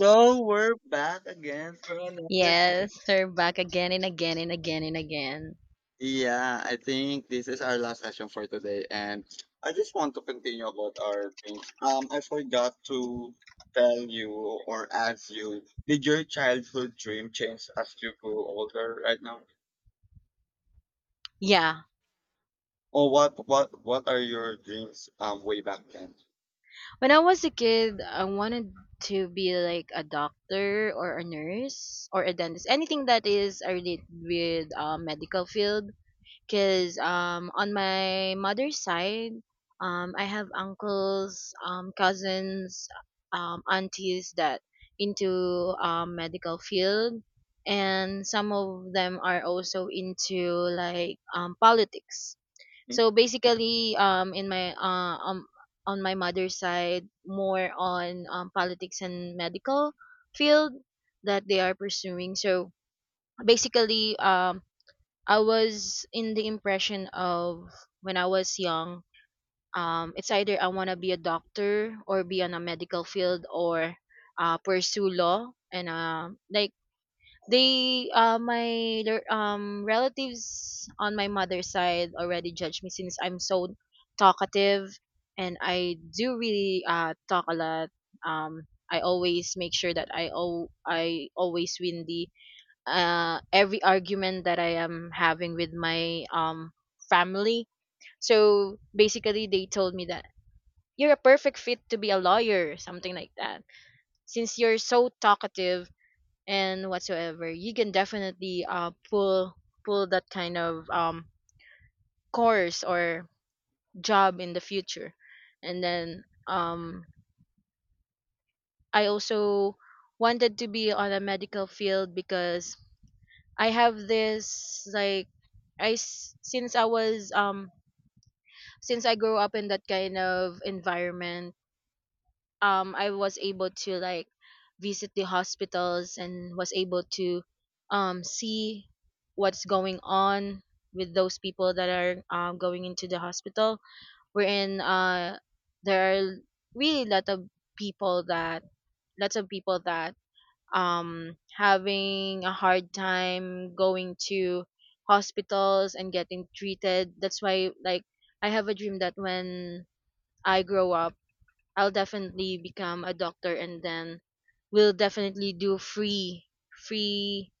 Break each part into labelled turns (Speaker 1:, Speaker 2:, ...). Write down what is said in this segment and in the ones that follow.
Speaker 1: So we're back again for another.
Speaker 2: Yes, her back again and again and again and again.
Speaker 1: Yeah, I think this is our last session for today, and I just want to continue about our things. I forgot to tell you or ask you: Did your childhood dream change as you grew older right now,
Speaker 2: Yeah.
Speaker 1: or what? What? What are your dreams? Way back then?
Speaker 2: When I was a kid, I wanted to be like a doctor or a nurse or a dentist. Anything that is related with medical field. Because on my mother's side, I have uncles, cousins, aunties that into medical field. And some of them are also into like politics. So basically, in my on my mother's side, more on politics and medical field that they are pursuing. So basically, I was in the impression of when I was young, it's either I want to be a doctor or be on a medical field or pursue law and like they my their, relatives on my mother's side already judge me since I'm so talkative, and I do really talk a lot. I always make sure that I always win the every argument that I am having with my family. So basically they told me that you're a perfect fit to be a lawyer, something like that, since you're so talkative and whatsoever you can definitely pull that kind of course or job in the future. And then I also wanted to be on a medical field because I have this like since I was, since I grew up in that kind of environment, I was able to like visit the hospitals and was able to see what's going on with those people that are going into the hospital, wherein there are really lot of people that lots of people that having a hard time going to hospitals and getting treated. That's why like I have a dream that when I grow up, I'll definitely become a doctor, and then we'll definitely do free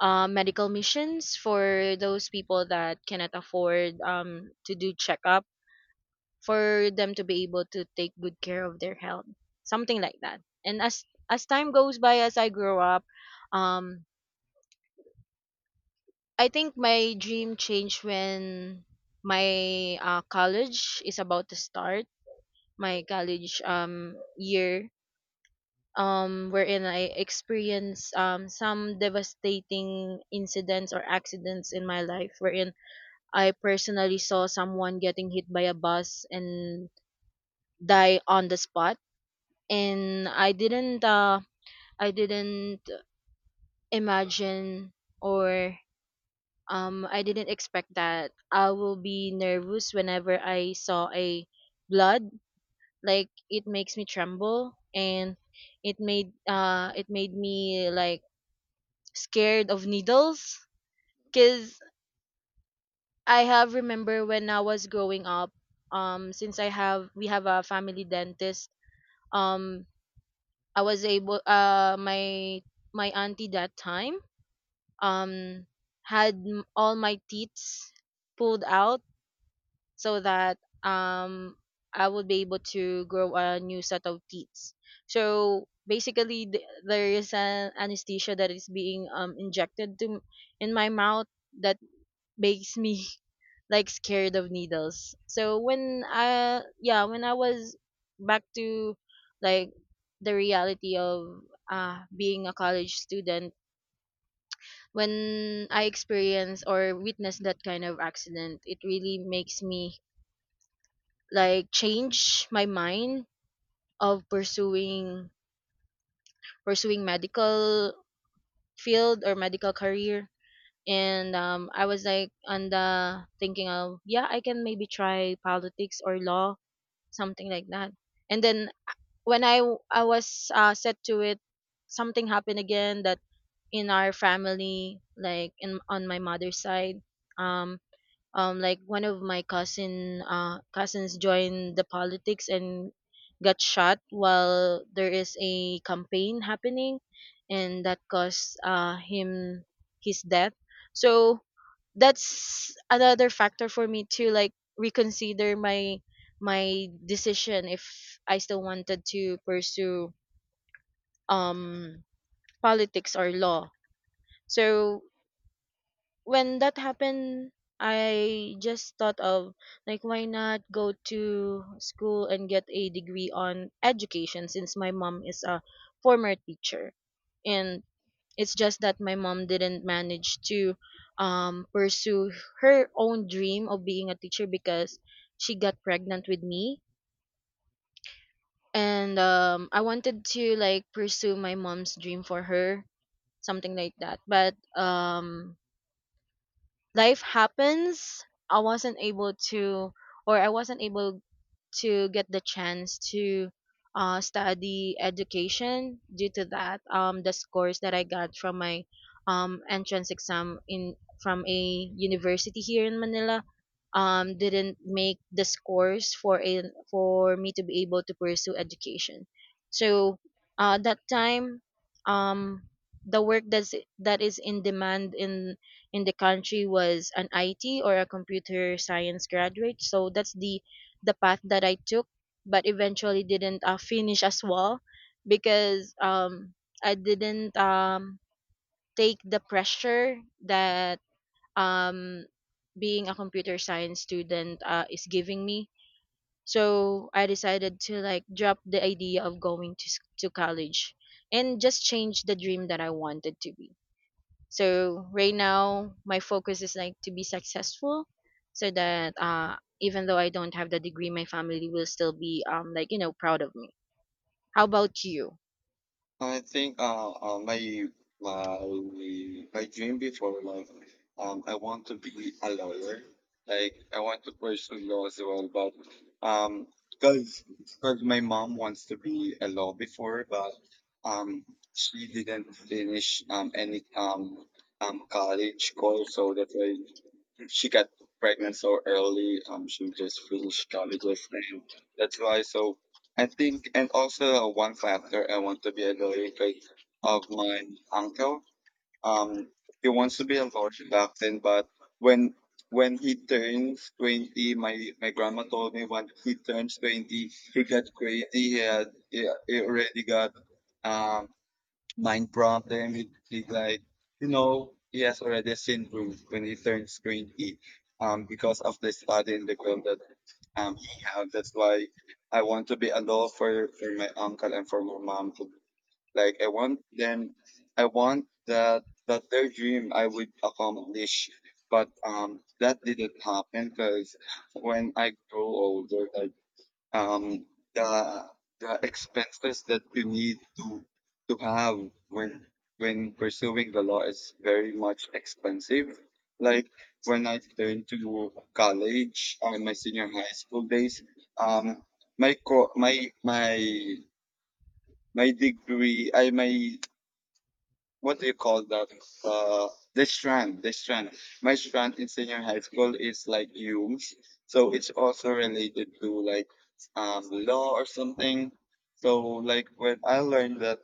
Speaker 2: medical missions for those people that cannot afford to do checkup, for them to be able to take good care of their health, something like that. And as time goes by, as I grow up, um, I think my dream changed when my college is about to start, my college year, wherein I experienced some devastating incidents or accidents in my life, wherein I personally saw someone getting hit by a bus and die on the spot. And I didn't imagine or I didn't expect that I will be nervous whenever I saw a blood. Like it makes me tremble, and it made me like scared of needles because I have remember when I was growing up, since I have we have a family dentist, um I was able my my auntie that time, um all my teeth pulled out so that um I would be able to grow a new set of teeth. So basically there is an anesthesia that is being injected to in my mouth that makes me like scared of needles. So when I, yeah, when I was back to like the reality of being a college student, when I experience or witness that kind of accident, it really makes me like change my mind of pursuing medical field or medical career. And I was like on the thinking of, yeah, I can maybe try politics or law, something like that. And then I was set to it, something happened again that in our family, like in on my mother's side, um, like one of my cousins joined the politics and got shot while there is a campaign happening, and that caused him his death. So that's another factor for me to like reconsider my my decision if I still wanted to pursue um politics or law. So when that happened, I just thought of like why not go to school and get a degree on education since my mom is a former teacher. And it's just that my mom didn't manage to pursue her own dream of being a teacher because she got pregnant with me. And I wanted to like pursue my mom's dream for her, something like that. But life happens. i wasn't able to I wasn't able to get the chance to study education due to that, the scores that I got from my entrance exam in from a university here in Manila didn't make the scores for a, for me to be able to pursue education. So that time, um, the work that's that is in demand in the country was an IT or a computer science graduate. So that's the path that I took, but eventually didn't finish as well because I didn't take the pressure that um being a computer science student is giving me. So I decided to like drop the idea of going to to college and just change the dream that I wanted to be. So right now, my focus is like to be successful, so that even though I don't have the degree, my family will still be like proud of me. How about you?
Speaker 1: I think my my dream before, like, I want to be a lawyer. Like I want to pursue law as well, but because my mom wants to be a law before, but um she didn't finish any college course, so that's why she got pregnant so early. She just finished college, and that's why. So I think, and also one factor, I want to be a related of my uncle. Um, he wants to be a lawyer back then, but when when he turns 20, my grandma told me when he turns 20, he got crazy. He already got um mind prompt there immediately, like, you know, he has already seen Ruth when he turns 20, because of the study in the ground that he have. That's why I want to be a law for my uncle and for my mom. Like I want them, I want that their dream I would accomplish. But that didn't happen because when I grow older, like, um, the the expenses that you need to have when when pursuing the law is very much expensive. Like when I turned to college or my senior high school days, um, my co- my my my degree, I my, what do you call that? Uh, the strand. My strand in senior high school is like huge, so it's also related to like law or something. So like when I learned that,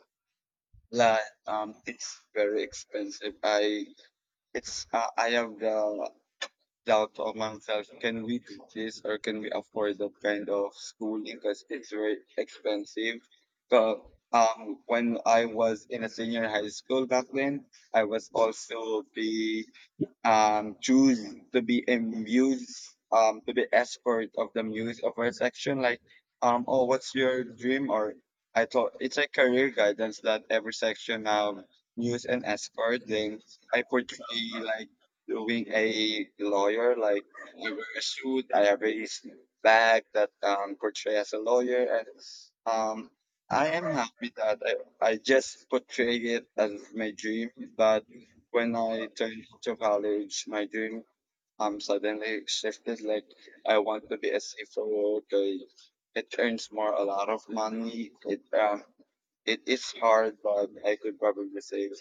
Speaker 1: like, it's very expensive. I, it's, I have the doubt of myself. Can we do this or can we afford that kind of schooling? Because it's very expensive. But, when I was in a senior high school back then, I was also be choose to be a muse, to be escort of the muse of her section. Like, oh, what's your dream? Or I thought it's a career guidance that every section muse and escort. Then I portray like doing a lawyer. Like I wear a suit. I have a bag that portray as a lawyer, and um. I am happy that I just portray it as my dream, but when I turned to college, my dream suddenly shifted. Like I want to be a safer worker. It earns more a lot of money. It it is hard, but I could probably save.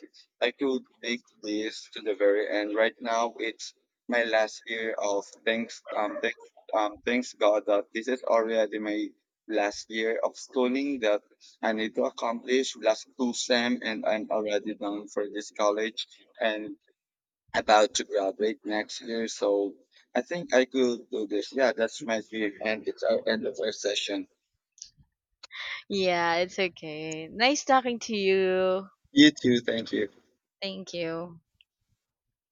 Speaker 1: I could make this to the very end. Right now, it's my last year of thanks God that this is already my last year of schooling that I need to accomplish last two sem, and I'm already done for this college and about to graduate next year, so I think I could do this. Yeah, that's my dream, and it's our end of our session.
Speaker 2: Yeah, it's okay. Nice talking to you.
Speaker 1: You too. Thank you.
Speaker 2: Thank you.